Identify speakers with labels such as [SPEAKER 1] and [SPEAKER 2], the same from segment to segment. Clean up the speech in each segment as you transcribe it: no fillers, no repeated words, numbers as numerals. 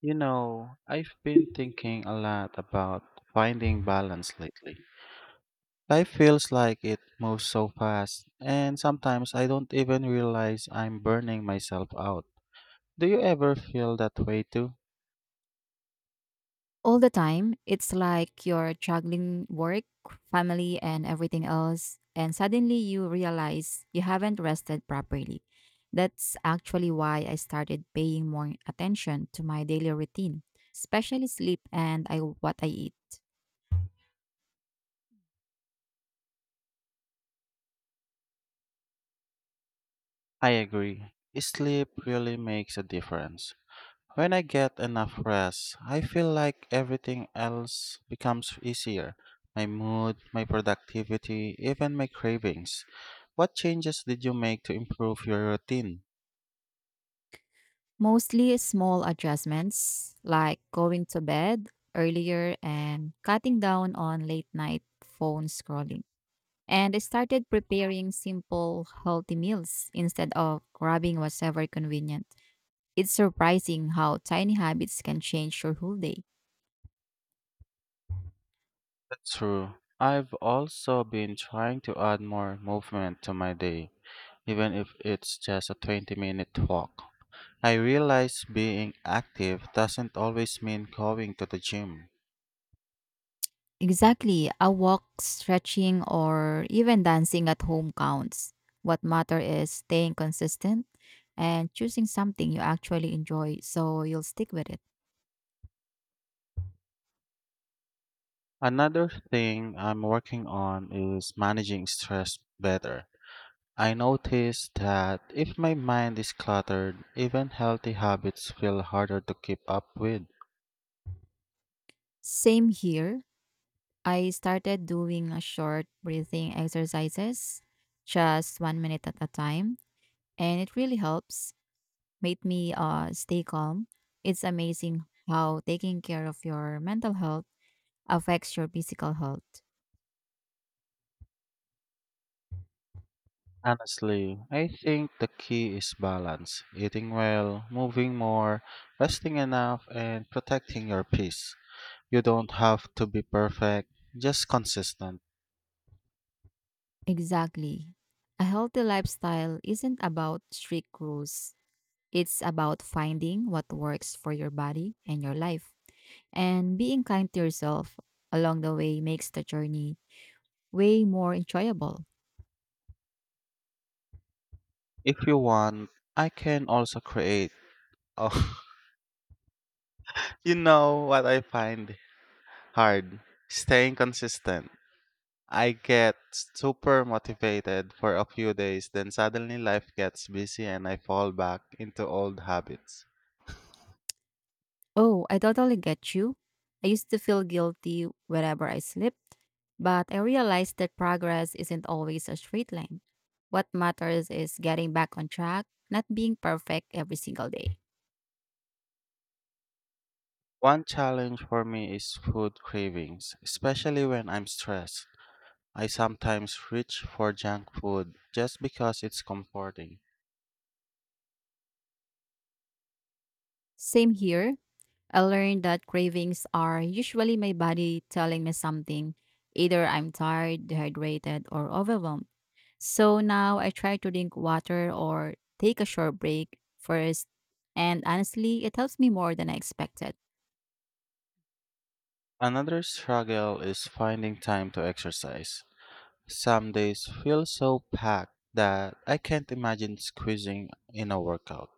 [SPEAKER 1] You know, I've been thinking a lot about finding balance lately. Life feels like it moves so fast, and sometimes I don't even realize I'm burning myself out. Do you ever feel that way too?
[SPEAKER 2] All the time. It's like you're juggling work, family, and everything else. And suddenly you realize you haven't rested properly. That's actually why I started paying more attention to my daily routine, especially sleep what I eat.
[SPEAKER 1] I agree. Sleep really makes a difference. When I get enough rest, I feel like everything else becomes easier. My mood, my productivity, even my cravings. What changes did you make to improve your routine?
[SPEAKER 2] Mostly small adjustments like going to bed earlier and cutting down on late night phone scrolling. And I started preparing simple, healthy meals instead of grabbing whatever convenient. It's surprising how tiny habits can change your whole day.
[SPEAKER 1] That's true. I've also been trying to add more movement to my day, even if it's just a 20-minute minute walk. I realize being active doesn't always mean going to the gym.
[SPEAKER 2] Exactly. A walk, stretching, or even dancing at home counts. What matter is staying consistent and choosing something you actually enjoy so you'll stick with it.
[SPEAKER 1] Another thing I'm working on is managing stress better. I noticed that if my mind is cluttered, even healthy habits feel harder to keep up with.
[SPEAKER 2] Same here. I started doing a short breathing exercises, just 1 minute at a time, and it really helps. Made me stay calm. It's amazing how taking care of your mental health affects your physical health?
[SPEAKER 1] Honestly, I think the key is balance eating well, moving more, resting enough, and protecting your peace. You don't have to be perfect, just consistent.
[SPEAKER 2] Exactly. A healthy lifestyle isn't about strict rules. It's about finding what works for your body and your life. And being kind to yourself along the way makes the journey way more enjoyable.
[SPEAKER 1] If you want, I can also create. Oh, you know what I find hard? Staying consistent. I get super motivated for a few days, then suddenly life gets busy and I fall back into old habits.
[SPEAKER 2] Oh, I totally get you. I used to feel guilty whenever I slipped, but I realized that progress isn't always a straight line. What matters is getting back on track, not being perfect every single day.
[SPEAKER 1] One challenge for me is food cravings, especially when I'm stressed. I sometimes reach for junk food just because it's comforting.
[SPEAKER 2] Same here. I learned that cravings are usually my body telling me something. Either I'm tired, dehydrated, or overwhelmed. So now I try to drink water or take a short break first. And honestly, it helps me more than I expected.
[SPEAKER 1] Another struggle is finding time to exercise. Some days feel so packed that I can't imagine squeezing in a workout.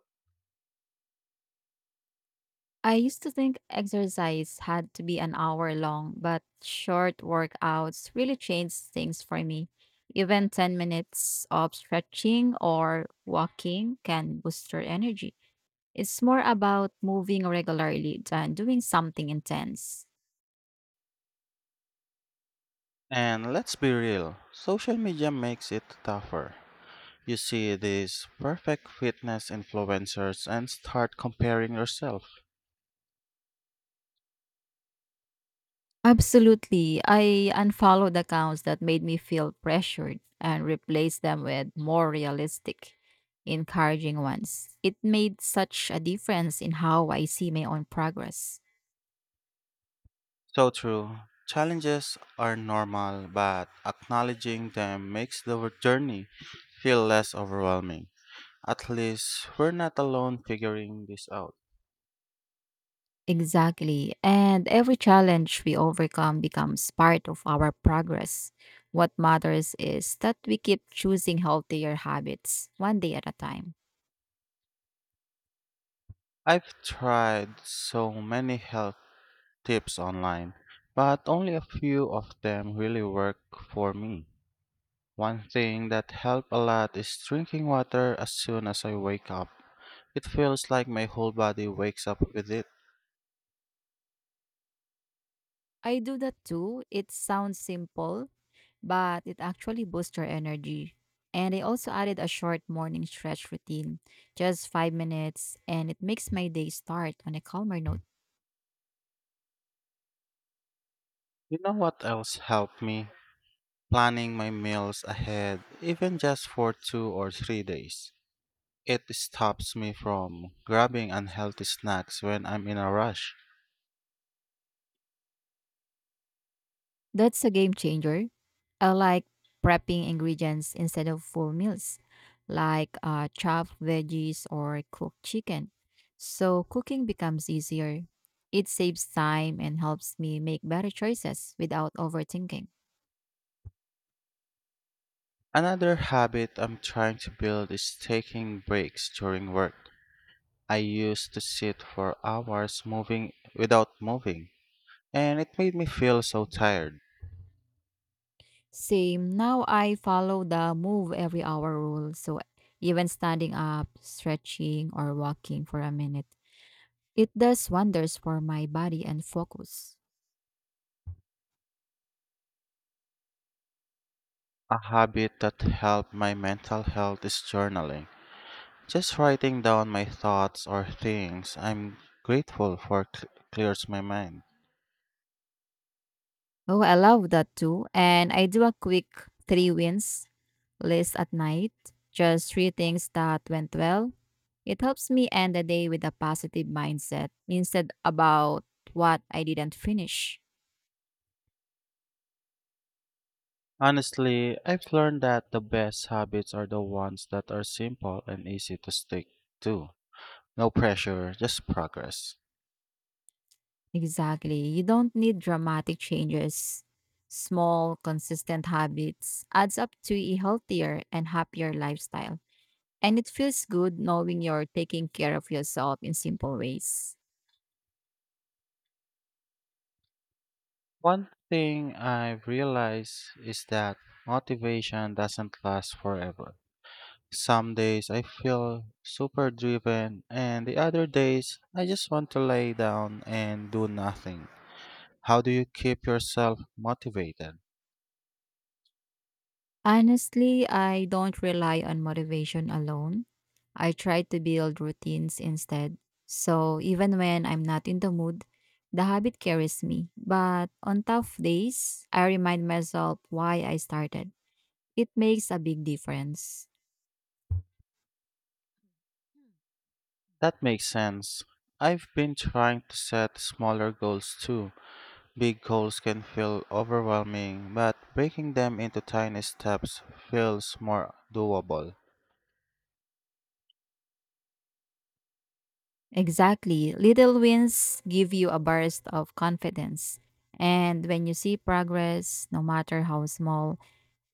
[SPEAKER 2] I used to think exercise had to be an hour long, but short workouts really changed things for me. Even 10 minutes of stretching or walking can boost your energy. It's more about moving regularly than doing something intense.
[SPEAKER 1] And let's be real, social media makes it tougher. You see these perfect fitness influencers and start comparing yourself.
[SPEAKER 2] Absolutely. I unfollowed accounts that made me feel pressured and replaced them with more realistic, encouraging ones. It made such a difference in how I see my own progress.
[SPEAKER 1] So true. Challenges are normal, but acknowledging them makes the journey feel less overwhelming. At least we're not alone figuring this out.
[SPEAKER 2] Exactly. And every challenge we overcome becomes part of our progress. What matters is that we keep choosing healthier habits one day at a time.
[SPEAKER 1] I've tried so many health tips online, but only a few of them really work for me. One thing that helped a lot is drinking water as soon as I wake up. It feels like my whole body wakes up with it.
[SPEAKER 2] I do that too. It sounds simple, but it actually boosts your energy. And I also added a short morning stretch routine, just 5 minutes, and it makes my day start on a calmer note.
[SPEAKER 1] You know what else helped me? Planning my meals ahead, even just for 2 or 3 days. It stops me from grabbing unhealthy snacks when I'm in a rush.
[SPEAKER 2] That's a game changer. I like prepping ingredients instead of full meals, like chopped veggies or cooked chicken. So cooking becomes easier. It saves time and helps me make better choices without overthinking.
[SPEAKER 1] Another habit I'm trying to build is taking breaks during work. I used to sit for hours moving without moving, and it made me feel so tired.
[SPEAKER 2] Same. Now I follow the move every hour rule. So even standing up, stretching, or walking for a minute, it does wonders for my body and focus.
[SPEAKER 1] A habit that helped my mental health is journaling. Just writing down my thoughts or things I'm grateful for clears my mind.
[SPEAKER 2] Oh, I love that too. And I do a quick three wins list at night, just three things that went well. It helps me end the day with a positive mindset instead about what I didn't finish.
[SPEAKER 1] Honestly, I've learned that the best habits are the ones that are simple and easy to stick to. No pressure, just progress.
[SPEAKER 2] Exactly. You don't need dramatic changes. Small, consistent habits adds up to a healthier and happier lifestyle. And it feels good knowing you're taking care of yourself in simple ways.
[SPEAKER 1] One thing I've realized is that motivation doesn't last forever. Some days I feel super driven, and the other days I just want to lay down and do nothing. How do you keep yourself motivated?
[SPEAKER 2] Honestly, I don't rely on motivation alone. I try to build routines instead. So even when I'm not in the mood, the habit carries me. But on tough days, I remind myself why I started. It makes a big difference.
[SPEAKER 1] That makes sense. I've been trying to set smaller goals too. Big goals can feel overwhelming, but breaking them into tiny steps feels more doable.
[SPEAKER 2] Exactly. Little wins give you a burst of confidence. And when you see progress, no matter how small,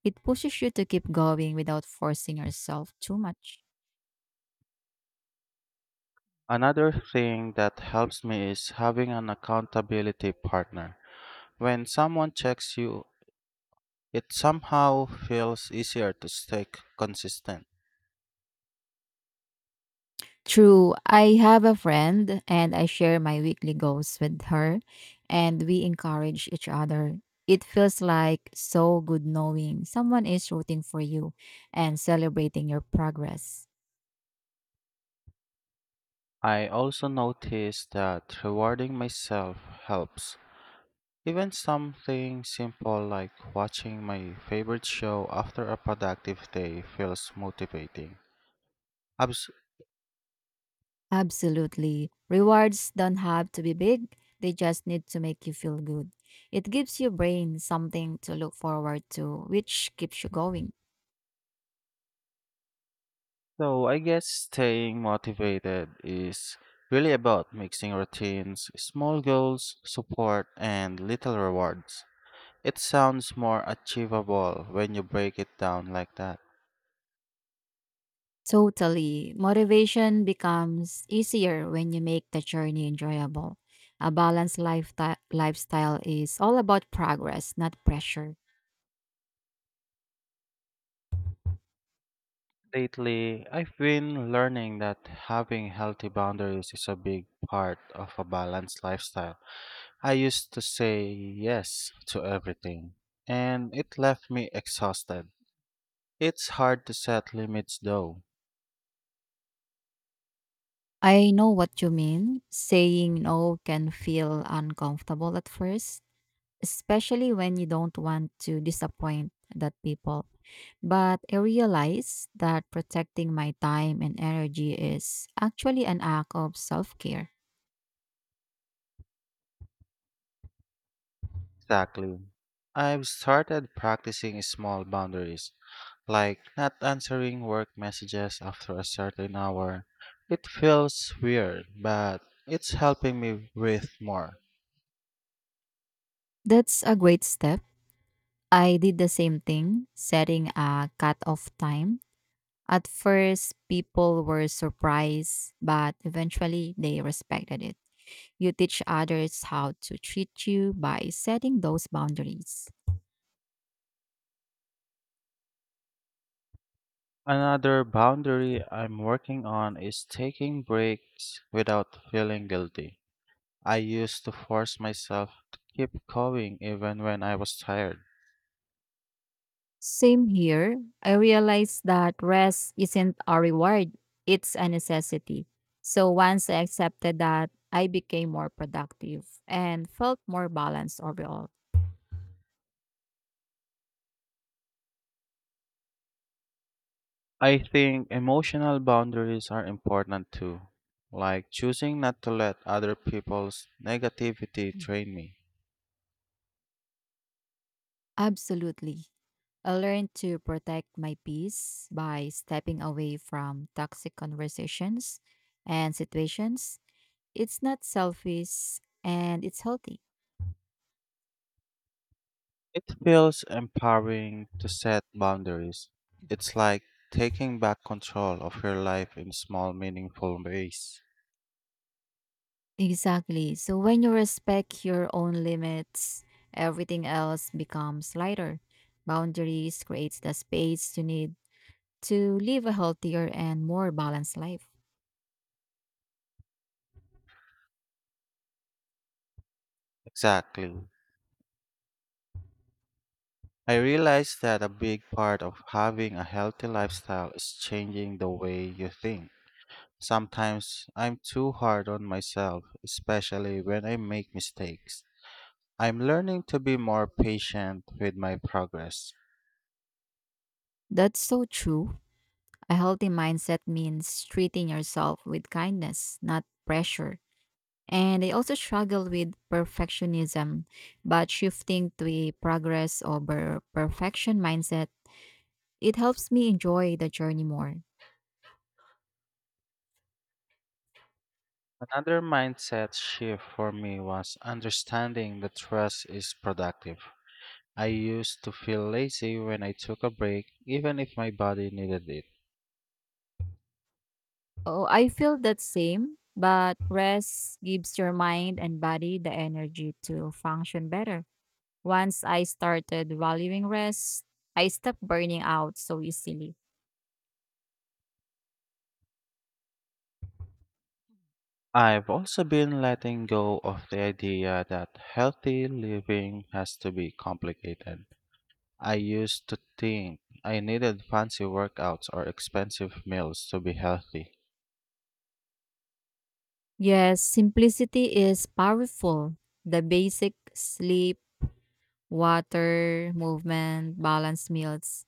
[SPEAKER 2] it pushes you to keep going without forcing yourself too much.
[SPEAKER 1] Another thing that helps me is having an accountability partner. When someone checks you, it somehow feels easier to stay consistent.
[SPEAKER 2] True. I have a friend and I share my weekly goals with her and we encourage each other. It feels like so good knowing someone is rooting for you and celebrating your progress.
[SPEAKER 1] I also notice that rewarding myself helps. Even something simple like watching my favorite show after a productive day feels motivating. Abs-
[SPEAKER 2] Absolutely. Rewards don't have to be big, they just need to make you feel good. It gives your brain something to look forward to, which keeps you going.
[SPEAKER 1] So I guess staying motivated is really about mixing routines, small goals, support, and little rewards. It sounds more achievable when you break it down like that.
[SPEAKER 2] Totally. Motivation becomes easier when you make the journey enjoyable. A balanced lifestyle is all about progress, not pressure.
[SPEAKER 1] Lately, I've been learning that having healthy boundaries is a big part of a balanced lifestyle. I used to say yes to everything, and it left me exhausted. It's hard to set limits though.
[SPEAKER 2] I know what you mean. Saying no can feel uncomfortable at first especially when you don't want to disappoint that people. But I realize that protecting my time and energy is actually an act of self care.
[SPEAKER 1] Exactly. I've started practicing small boundaries, like not answering work messages after a certain hour. It feels weird, but it's helping me breathe more.
[SPEAKER 2] That's a great step. I did the same thing, setting a cut-off time. At first, people were surprised, but eventually they respected it. You teach others how to treat you by setting those boundaries.
[SPEAKER 1] Another boundary I'm working on is taking breaks without feeling guilty. I used to force myself to keep going even when I was tired.
[SPEAKER 2] Same here. I realized that rest isn't a reward, it's a necessity. So once I accepted that, I became more productive and felt more balanced overall.
[SPEAKER 1] I think emotional boundaries are important too, like choosing not to let other people's negativity drain me.
[SPEAKER 2] Absolutely. I learned to protect my peace by stepping away from toxic conversations and situations. It's not selfish and it's healthy.
[SPEAKER 1] It feels empowering to set boundaries. It's like taking back control of your life in small, meaningful ways.
[SPEAKER 2] Exactly. So when you respect your own limits, everything else becomes lighter. Boundaries creates the space you need to live a healthier and more balanced life.
[SPEAKER 1] Exactly. I realize that a big part of having a healthy lifestyle is changing the way you think. Sometimes I'm too hard on myself, especially when I make mistakes. I'm learning to be more patient with my progress.
[SPEAKER 2] That's so true. A healthy mindset means treating yourself with kindness, not pressure. And I also struggle with perfectionism, but shifting to a progress over perfection mindset, it helps me enjoy the journey more.
[SPEAKER 1] Another mindset shift for me was understanding that rest is productive. I used to feel lazy when I took a break, even if my body needed it.
[SPEAKER 2] Oh, I feel that same, but rest gives your mind and body the energy to function better. Once I started valuing rest, I stopped burning out so easily.
[SPEAKER 1] I've also been letting go of the idea that healthy living has to be complicated. I used to think I needed fancy workouts or expensive meals to be healthy.
[SPEAKER 2] Yes, simplicity is powerful. The basic sleep, water, movement, balanced meals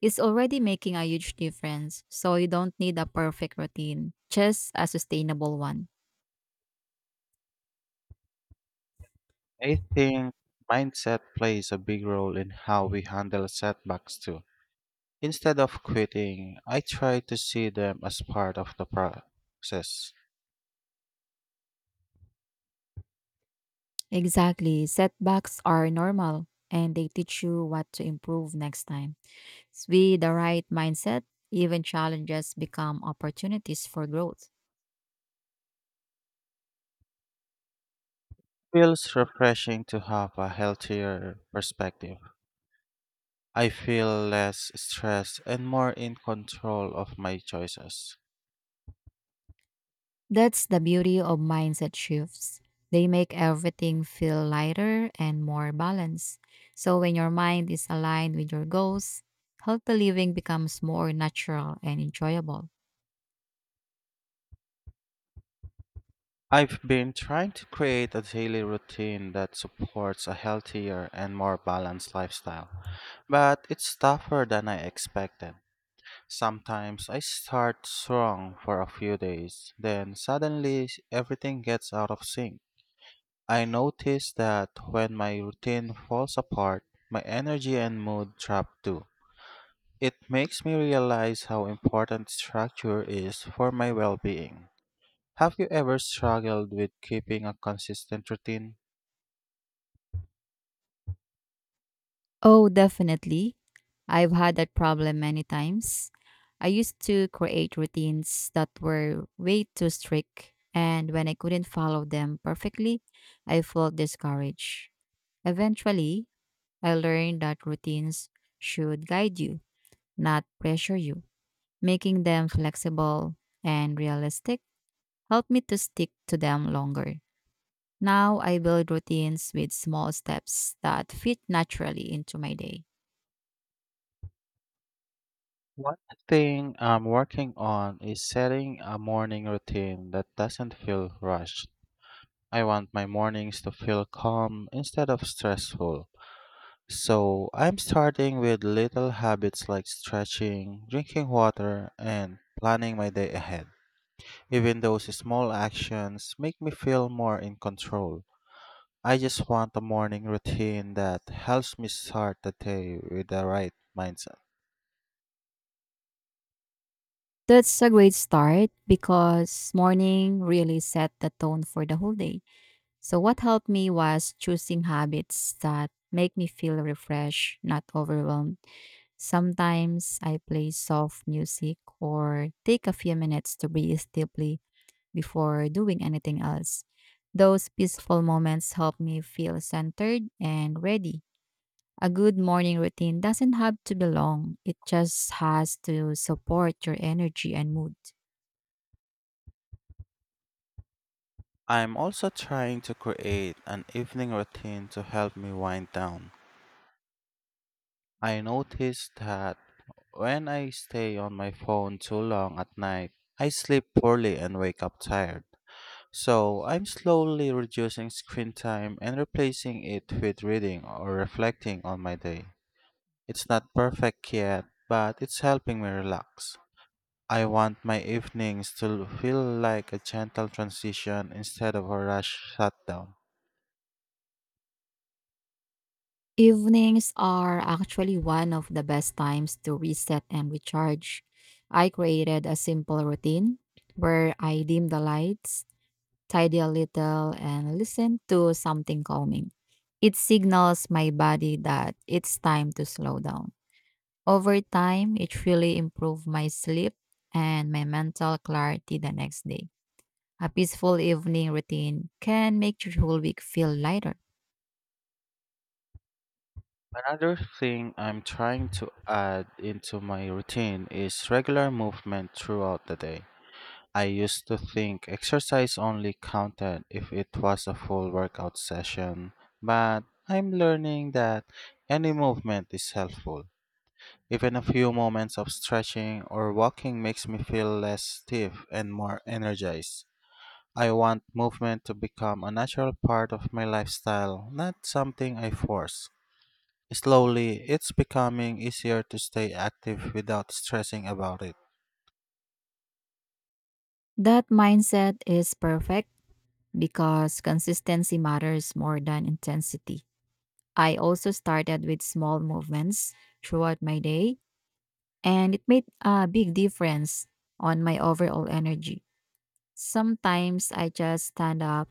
[SPEAKER 2] is already making a huge difference. So you don't need a perfect routine, just a sustainable one.
[SPEAKER 1] I think mindset plays a big role in how we handle setbacks too. Instead of quitting, I try to see them as part of the process.
[SPEAKER 2] Exactly. Setbacks are normal and they teach you what to improve next time. With the right mindset, even challenges become opportunities for growth.
[SPEAKER 1] Feels refreshing to have a healthier perspective. I feel less stressed and more in control of my choices.
[SPEAKER 2] That's the beauty of mindset shifts. They make everything feel lighter and more balanced. So, when your mind is aligned with your goals, healthy living becomes more natural and enjoyable.
[SPEAKER 1] I've been trying to create a daily routine that supports a healthier and more balanced lifestyle, but it's tougher than I expected. Sometimes I start strong for a few days, then suddenly everything gets out of sync. I notice that when my routine falls apart, my energy and mood drop too. It makes me realize how important structure is for my well being. Have you ever struggled with keeping a consistent routine?
[SPEAKER 2] Oh, definitely. I've had that problem many times. I used to create routines that were way too strict, and when I couldn't follow them perfectly, I felt discouraged. Eventually, I learned that routines should guide you not pressure you. Making them flexible and realistic helped me to stick to them longer. Now I build routines with small steps that fit naturally into my day.
[SPEAKER 1] One thing I'm working on is setting a morning routine that doesn't feel rushed. I want my mornings to feel calm instead of stressful. So I'm starting with little habits like stretching, drinking water, and planning my day ahead. Even those small actions make me feel more in control. I just want a morning routine that helps me start the day with the right mindset.
[SPEAKER 2] That's a great start because morning really set the tone for the whole day. So, what helped me was choosing habits that make me feel refreshed, not overwhelmed. Sometimes I play soft music or take a few minutes to breathe deeply before doing anything else. Those peaceful moments help me feel centered and ready. A good morning routine doesn't have to be long, it just has to support your energy and mood.
[SPEAKER 1] I'm also trying to create an evening routine to help me wind down. I noticed that when I stay on my phone too long at night, I sleep poorly and wake up tired. So I'm slowly reducing screen time and replacing it with reading or reflecting on my day. It's not perfect yet, but it's helping me relax. I want my evenings to feel like a gentle transition instead of a rush shutdown.
[SPEAKER 2] Evenings are actually one of the best times to reset and recharge. I created a simple routine where I dim the lights, tidy a little, and listen to something calming. It signals my body that it's time to slow down. Over time, it really improved my sleep and my mental clarity the next day. A peaceful evening routine can make your whole week feel lighter.
[SPEAKER 1] Another thing I'm trying to add into my routine is regular movement throughout the day. I used to think exercise only counted if it was a full workout session, but I'm learning that any movement is helpful. Even a few moments of stretching or walking makes me feel less stiff and more energized. I want movement to become a natural part of my lifestyle, not something I force. Slowly, it's becoming easier to stay active without stressing about it.
[SPEAKER 2] That mindset is perfect because consistency matters more than intensity. I also started with small movements throughout my day, and it made a big difference on my overall energy. Sometimes I just stand up,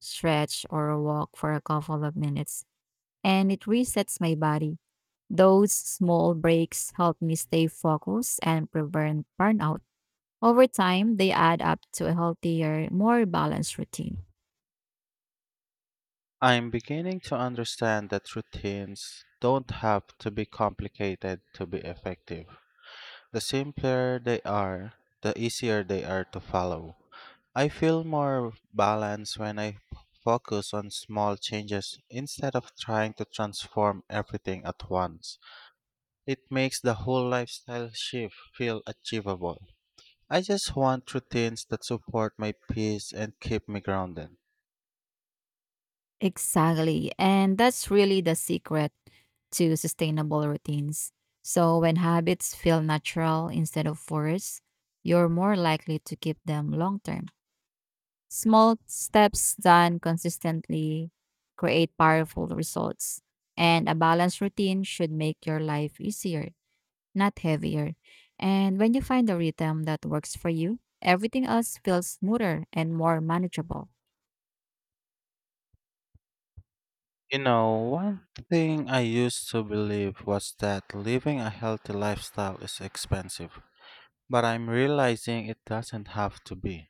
[SPEAKER 2] stretch, or walk for a couple of minutes, and it resets my body. Those small breaks help me stay focused and prevent burnout. Over time, they add up to a healthier, more balanced routine.
[SPEAKER 1] I'm beginning to understand that routines don't have to be complicated to be effective. The simpler they are, the easier they are to follow. I feel more balanced when I focus on small changes instead of trying to transform everything at once. It makes the whole lifestyle shift feel achievable. I just want routines that support my peace and keep me grounded.
[SPEAKER 2] Exactly. And that's really the secret to sustainable routines. So when habits feel natural instead of forced, you're more likely to keep them long term. Small steps done consistently create powerful results, and a balanced routine should make your life easier not heavier. And when you find a rhythm that works for you, everything else feels smoother and more manageable.
[SPEAKER 1] You know, one thing I used to believe was that living a healthy lifestyle is expensive, but I'm realizing it doesn't have to be.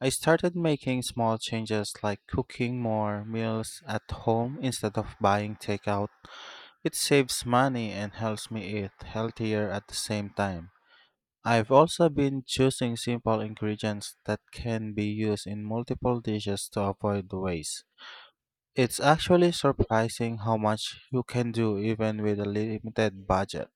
[SPEAKER 1] I started making small changes like cooking more meals at home instead of buying takeout. It saves money and helps me eat healthier at the same time. I've also been choosing simple ingredients that can be used in multiple dishes to avoid waste. It's actually surprising how much you can do even with a limited budget.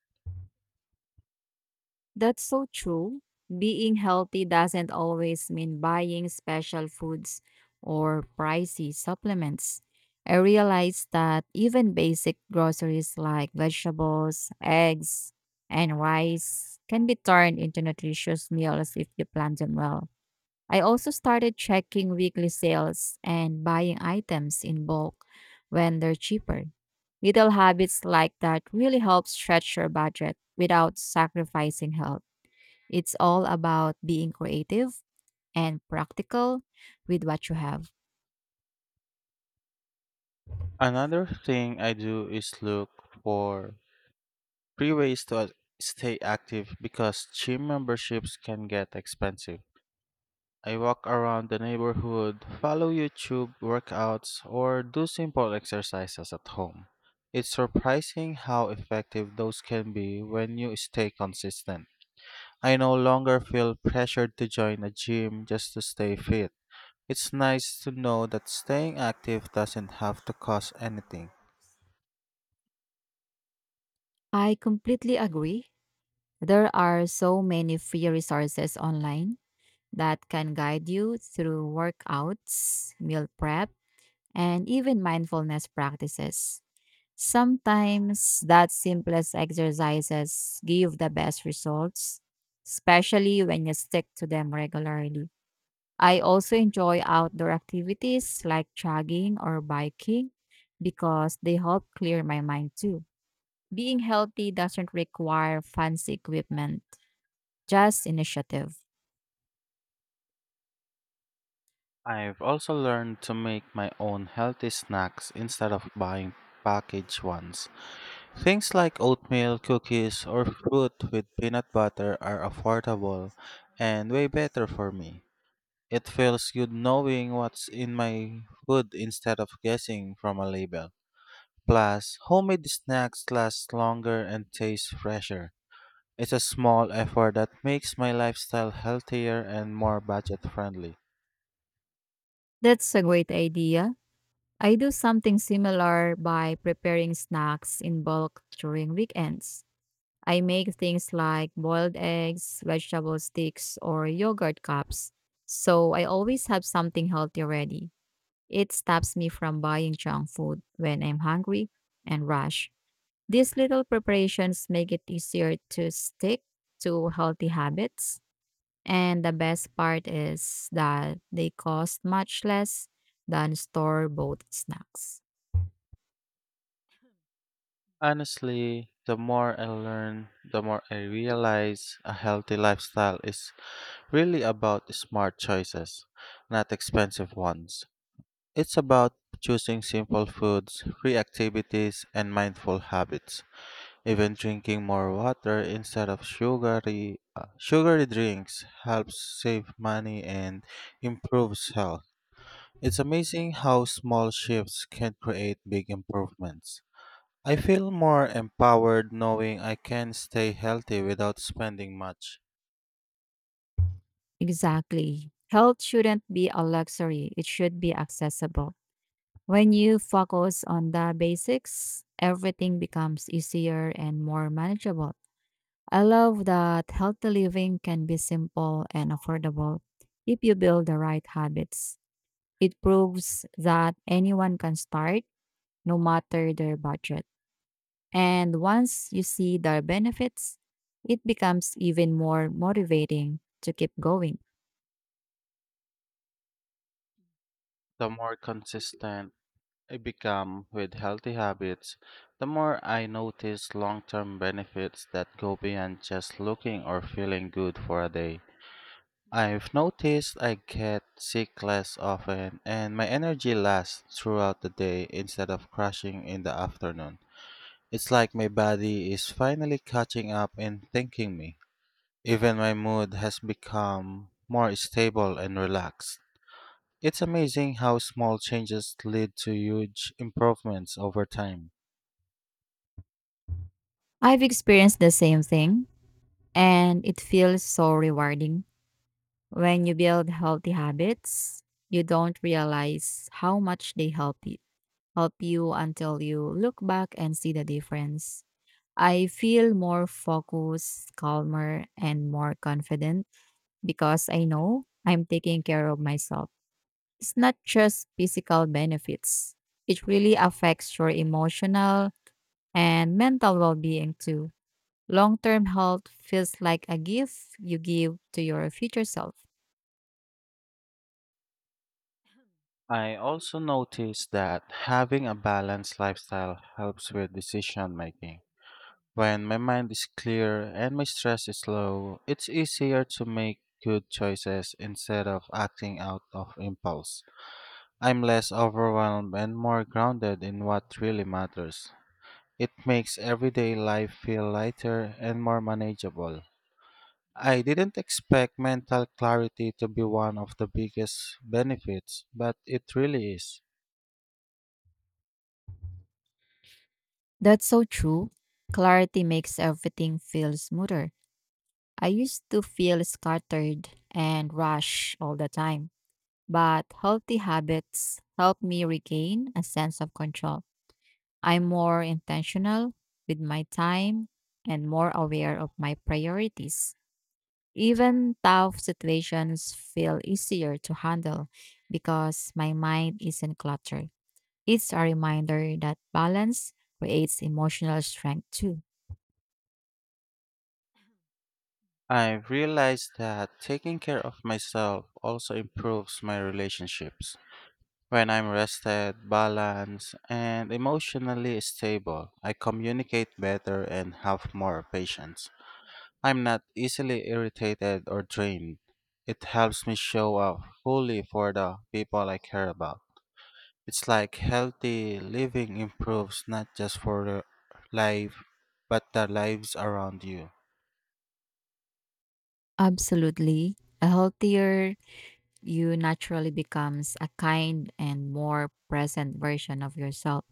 [SPEAKER 2] That's so true. Being healthy doesn't always mean buying special foods or pricey supplements. I realized that even basic groceries like vegetables, eggs, and rice can be turned into nutritious meals if you plan them well. I also started checking weekly sales and buying items in bulk when they're cheaper. Little habits like that really help stretch your budget without sacrificing health. It's all about being creative and practical with what you have.
[SPEAKER 1] Another thing I do is look for free ways to stay active because gym memberships can get expensive. I walk around the neighborhood, follow YouTube workouts, or do simple exercises at home. It's surprising how effective those can be when you stay consistent. I no longer feel pressured to join a gym just to stay fit. It's nice to know that staying active doesn't have to cost anything.
[SPEAKER 2] I completely agree. There are so many free resources online that can guide you through workouts, meal prep, and even mindfulness practices. Sometimes that simplest exercises give the best results, especially when you stick to them regularly. I also enjoy outdoor activities like jogging or biking because they help clear my mind too. Being healthy doesn't require fancy equipment, just initiative.
[SPEAKER 1] I've also learned to make my own healthy snacks instead of buying packaged ones. Things like oatmeal, cookies, or fruit with peanut butter are affordable and way better for me. It feels good knowing what's in my food instead of guessing from a label. Plus, homemade snacks last longer and taste fresher. It's a small effort that makes my lifestyle healthier and more budget friendly.
[SPEAKER 2] That's a great idea. I do something similar by preparing snacks in bulk during weekends. I make things like boiled eggs, vegetable sticks, or yogurt cups, so I always have something healthy ready. It stops me from buying junk food when I'm hungry and rush. These little preparations make it easier to stick to healthy habits. And the best part is that they cost much less than store bought snacks.
[SPEAKER 1] Honestly, the more I learn, the more I realize a healthy lifestyle is really about smart choices, not expensive ones. It's about choosing simple foods, free activities, and mindful habits. Even drinking more water instead of sugary drinks helps save money and improves health. It's amazing how small shifts can create big improvements. I feel more empowered knowing I can stay healthy without spending much.
[SPEAKER 2] Exactly. Health shouldn't be a luxury, it should be accessible. When you focus on the basics, everything becomes easier and more manageable. I love that healthy living can be simple and affordable if you build the right habits. It proves that anyone can start, no matter their budget. And once you see the benefits, it becomes even more motivating to keep going.
[SPEAKER 1] The more consistent I become with healthy habits, the more I notice long term benefits that go beyond just looking or feeling good for a day. I've noticed I get sick less often and my energy lasts throughout the day instead of crashing in the afternoon. It's like my body is finally catching up and thanking me. Even my mood has become more stable and relaxed. It's amazing how small changes lead to huge improvements over time.
[SPEAKER 2] I've experienced the same thing, and it feels so rewarding. When you build healthy habits, you don't realize how much they help you until you look back and see the difference. I feel more focused, calmer, and more confident because I know I'm taking care of myself. It's not just physical benefits, it really affects your emotional and mental well being too. Long term health feels like a gift you give to your future self.
[SPEAKER 1] I also noticed that having a balanced lifestyle helps with decision making. When my mind is clear and my stress is low, it's easier to make good choices instead of acting out of impulse. I'm less overwhelmed and more grounded in what really matters. It makes everyday life feel lighter and more manageable. I didn't expect mental clarity to be one of the biggest benefits, but it really is.
[SPEAKER 2] That's so true. Clarity makes everything feel smoother. I used to feel scattered and rushed all the time, but healthy habits help me regain a sense of control. I'm more intentional with my time and more aware of my priorities. Even tough situations feel easier to handle because my mind isn't cluttered. It's a reminder that balance creates emotional strength too.
[SPEAKER 1] I realized that taking care of myself also improves my relationships. When I'm rested, balanced, and emotionally stable, I communicate better and have more patience. I'm not easily irritated or drained. It helps me show up fully for the people I care about. It's like healthy living improves not just for the life, but the lives around you.
[SPEAKER 2] Absolutely. A healthier you naturally becomes a kind and more present version of yourself.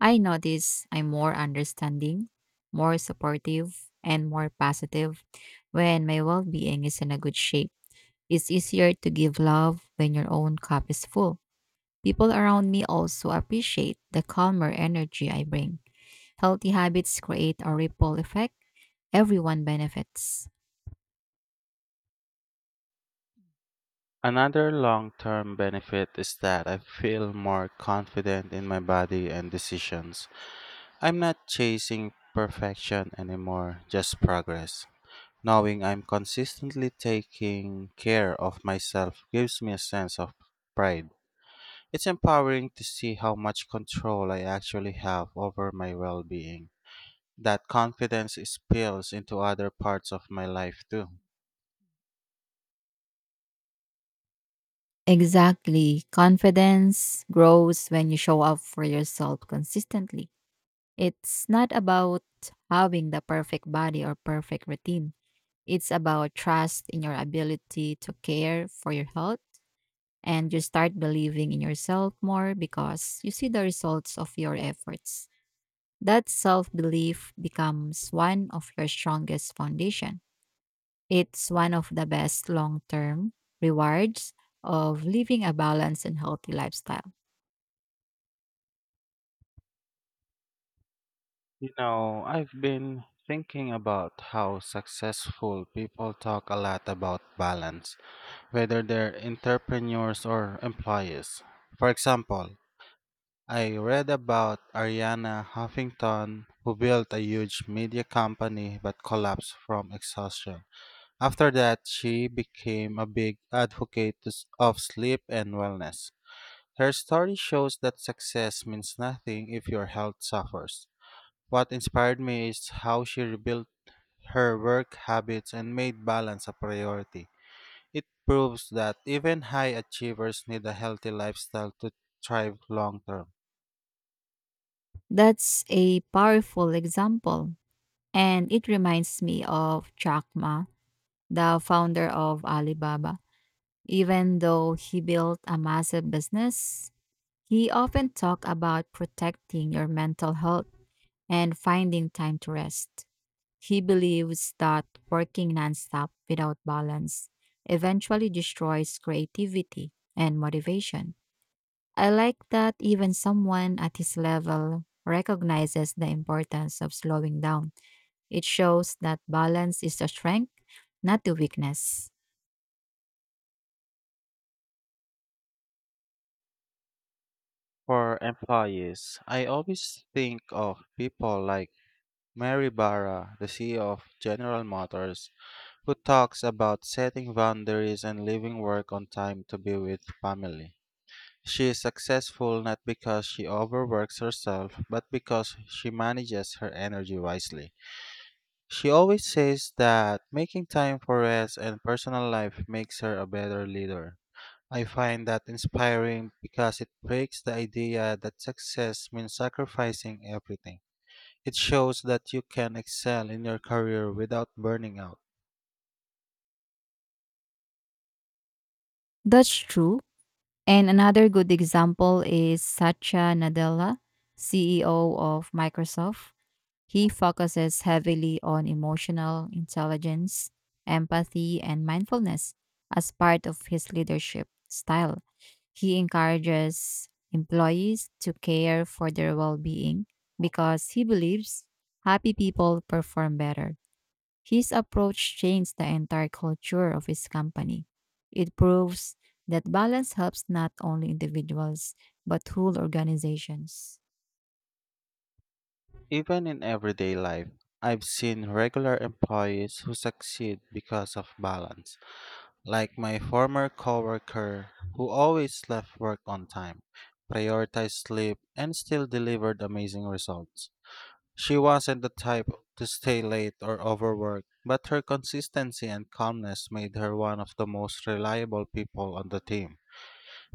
[SPEAKER 2] I notice I'm more understanding, more supportive, and more positive when my well being is in a good shape. It's easier to give love when your own cup is full. People around me also appreciate the calmer energy I bring. Healthy habits create a ripple effect, everyone benefits.
[SPEAKER 1] Another long term benefit is that I feel more confident in my body and decisions. I'm not chasing perfection anymore, just progress. Knowing I'm consistently taking care of myself gives me a sense of pride. It's empowering to see how much control I actually have over my well being. That confidence spills into other parts of my life too.
[SPEAKER 2] Exactly. Confidence grows when you show up for yourself consistently. It's not about having the perfect body or perfect routine. It's about trust in your ability to care for your health and you start believing in yourself more because you see the results of your efforts. That self-belief becomes one of your strongest foundation. It's one of the best long term rewards of living a balanced and healthy lifestyle.
[SPEAKER 1] You know, I've been thinking about how successful people talk a lot about balance, whether they're entrepreneurs or employees. For example, I read about Ariana Huffington, who built a huge media company but collapsed from exhaustion. After that, she became a big advocate of sleep and wellness. Her story shows that success means nothing if your health suffers. What inspired me is how she rebuilt her work habits and made balance a priority. It proves that even high achievers need a healthy lifestyle to thrive long term.
[SPEAKER 2] That's a powerful example. And it reminds me of Jack Ma, the founder of Alibaba. Even though he built a massive business, he often talked about protecting your mental health and finding time to rest. He believes that working nonstop without balance eventually destroys creativity and motivation. I like that even someone at his level recognizes the importance of slowing down. It shows that balance is a strength, not a weakness.
[SPEAKER 1] For employees, I always think of people like Mary Barra, the CEO of General Motors, who talks about setting boundaries and leaving work on time to be with family. She is successful not because she overworks herself, but because she manages her energy wisely. She always says that making time for rest and personal life makes her a better leader. I find that inspiring because it breaks the idea that success means sacrificing everything. It shows that you can excel in your career without burning out.
[SPEAKER 2] That's true. And another good example is Satya Nadella, CEO of Microsoft. He focuses heavily on emotional intelligence, empathy, and mindfulness as part of his leadership style. He encourages employees to care for their well being because he believes happy people perform better. His approach changed the entire culture of his company. It proves that balance helps not only individuals but whole organizations.
[SPEAKER 1] Even in everyday life, I've seen regular employees who succeed because of balance. Like my former coworker who always left work on time, prioritized sleep, and still delivered amazing results. She wasn't the type to stay late or overwork, but her consistency and calmness made her one of the most reliable people on the team.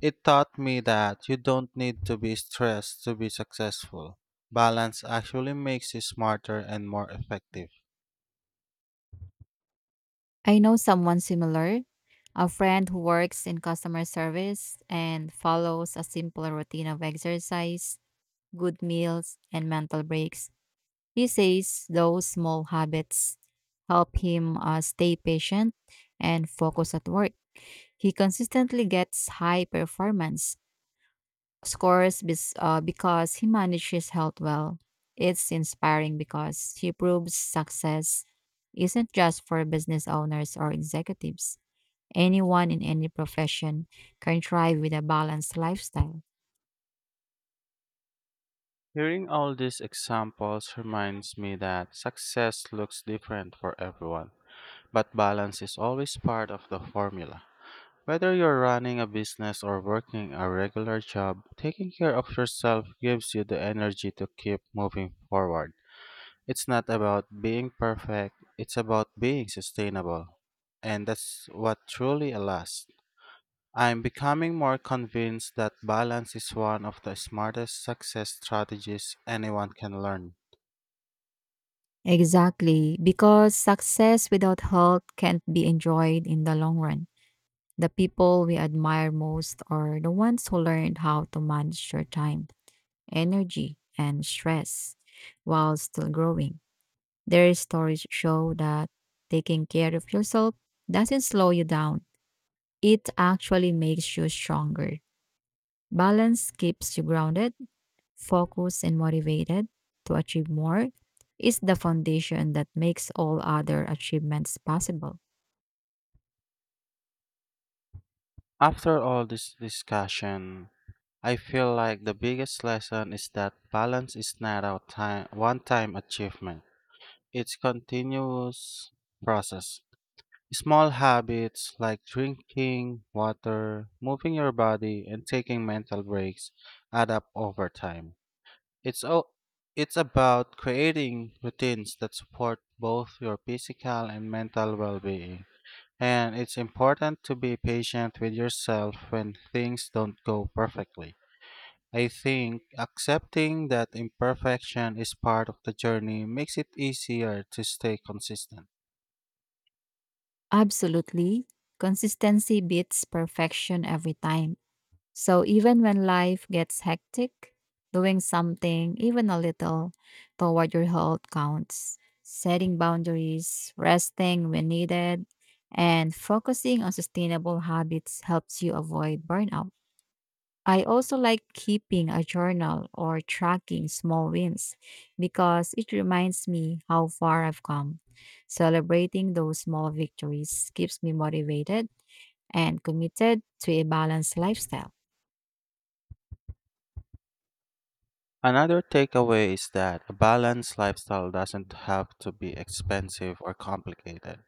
[SPEAKER 1] It taught me that you don't need to be stressed to be successful. Balance actually makes you smarter and more effective.
[SPEAKER 2] I know someone similar, a friend who works in customer service and follows a simple routine of exercise, good meals, and mental breaks. He says those small habits help him stay patient and focus at work. He consistently gets high performance scores because he manages health well. It's inspiring because he proves success isn't just for business owners or executives. Anyone in any profession can thrive with a balanced lifestyle.
[SPEAKER 1] Hearing all these examples reminds me that success looks different for everyone, but balance is always part of the formula. Whether you're running a business or working a regular job, taking care of yourself gives you the energy to keep moving forward. It's not about being perfect, it's about being sustainable. And that's what truly lasts. I'm becoming more convinced that balance is one of the smartest success strategies anyone can learn.
[SPEAKER 2] Exactly, because success without health can't be enjoyed in the long run. The people we admire most are the ones who learned how to manage their time, energy, and stress while still growing. Their stories show that taking care of yourself doesn't slow you down, it actually makes you stronger. Balance keeps you grounded focused, and motivated to achieve more is the foundation that makes all other achievements possible.
[SPEAKER 1] After all this discussion, I feel like the biggest lesson is that balance is not a time, one-time achievement. It's continuous process. Small habits like drinking water, moving your body, and taking mental breaks add up over time. It's o- it's about creating routines that support both your physical and mental well-being. And it's important to be patient with yourself when things don't go perfectly. I think accepting that imperfection is part of the journey makes it easier to stay consistent.
[SPEAKER 2] Absolutely. Consistency beats perfection every time. So even when life gets hectic, doing something, even a little, toward your health counts. Setting boundaries, resting when needed, and focusing on sustainable habits helps you avoid burnout. I also like keeping a journal or tracking small wins because it reminds me how far I've come. Celebrating those small victories keeps me motivated and committed to a balanced lifestyle.
[SPEAKER 1] Another takeaway is that a balanced lifestyle doesn't have to be expensive or complicated.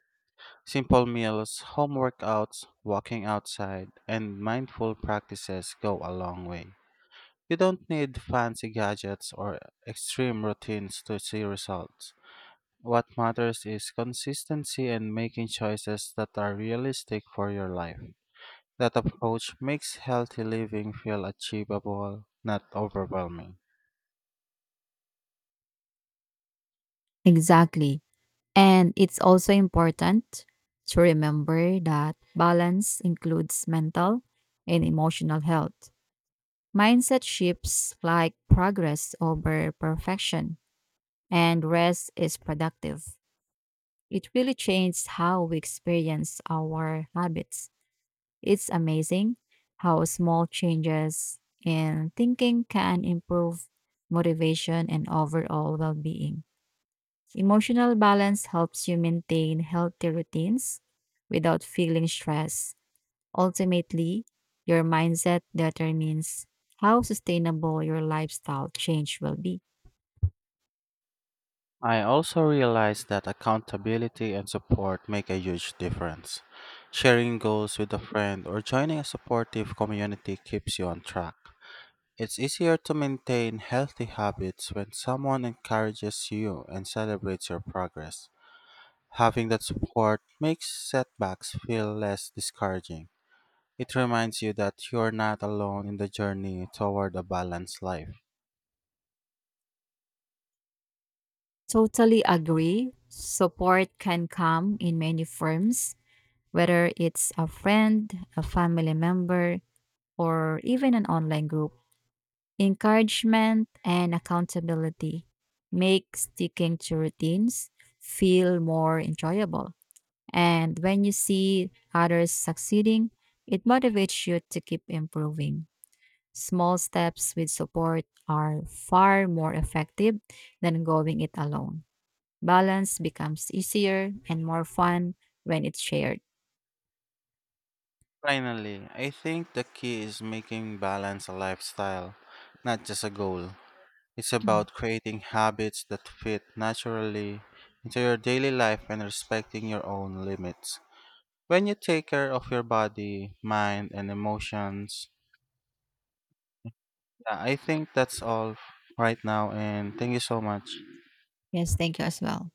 [SPEAKER 1] Simple meals, home workouts, walking outside, and mindful practices go a long way. You don't need fancy gadgets or extreme routines to see results. What matters is consistency and making choices that are realistic for your life. That approach makes healthy living feel achievable, not overwhelming.
[SPEAKER 2] Exactly. And it's also important to remember that balance includes mental and emotional health. Mindset shifts like progress over perfection, and rest is productive. It really changed how we experience our habits. It's amazing how small changes in thinking can improve motivation and overall well being. Emotional balance helps you maintain healthy routines without feeling stress. Ultimately, your mindset determines how sustainable your lifestyle change will be.
[SPEAKER 1] I also realized that accountability and support make a huge difference. Sharing goals with a friend or joining a supportive community keeps you on track. It's easier to maintain healthy habits when someone encourages you and celebrates your progress. Having that support makes setbacks feel less discouraging. It reminds you that you're not alone in the journey toward a balanced life.
[SPEAKER 2] Totally agree. Support can come in many forms whether it's a friend, a family member, or even an online group. Encouragement and accountability make sticking to routines feel more enjoyable. And when you see others succeeding, it motivates you to keep improving. Small steps with support are far more effective than going it alone. Balance becomes easier and more fun when it's shared.
[SPEAKER 1] Finally, I think the key is making balance a lifestyle, not just a goal. It's about creating habits that fit naturally into your daily life and respecting your own limits. When you take care of your body, mind, and emotions, yeah, I think that's all right now, and thank you so much.
[SPEAKER 2] Yes, thank you as well.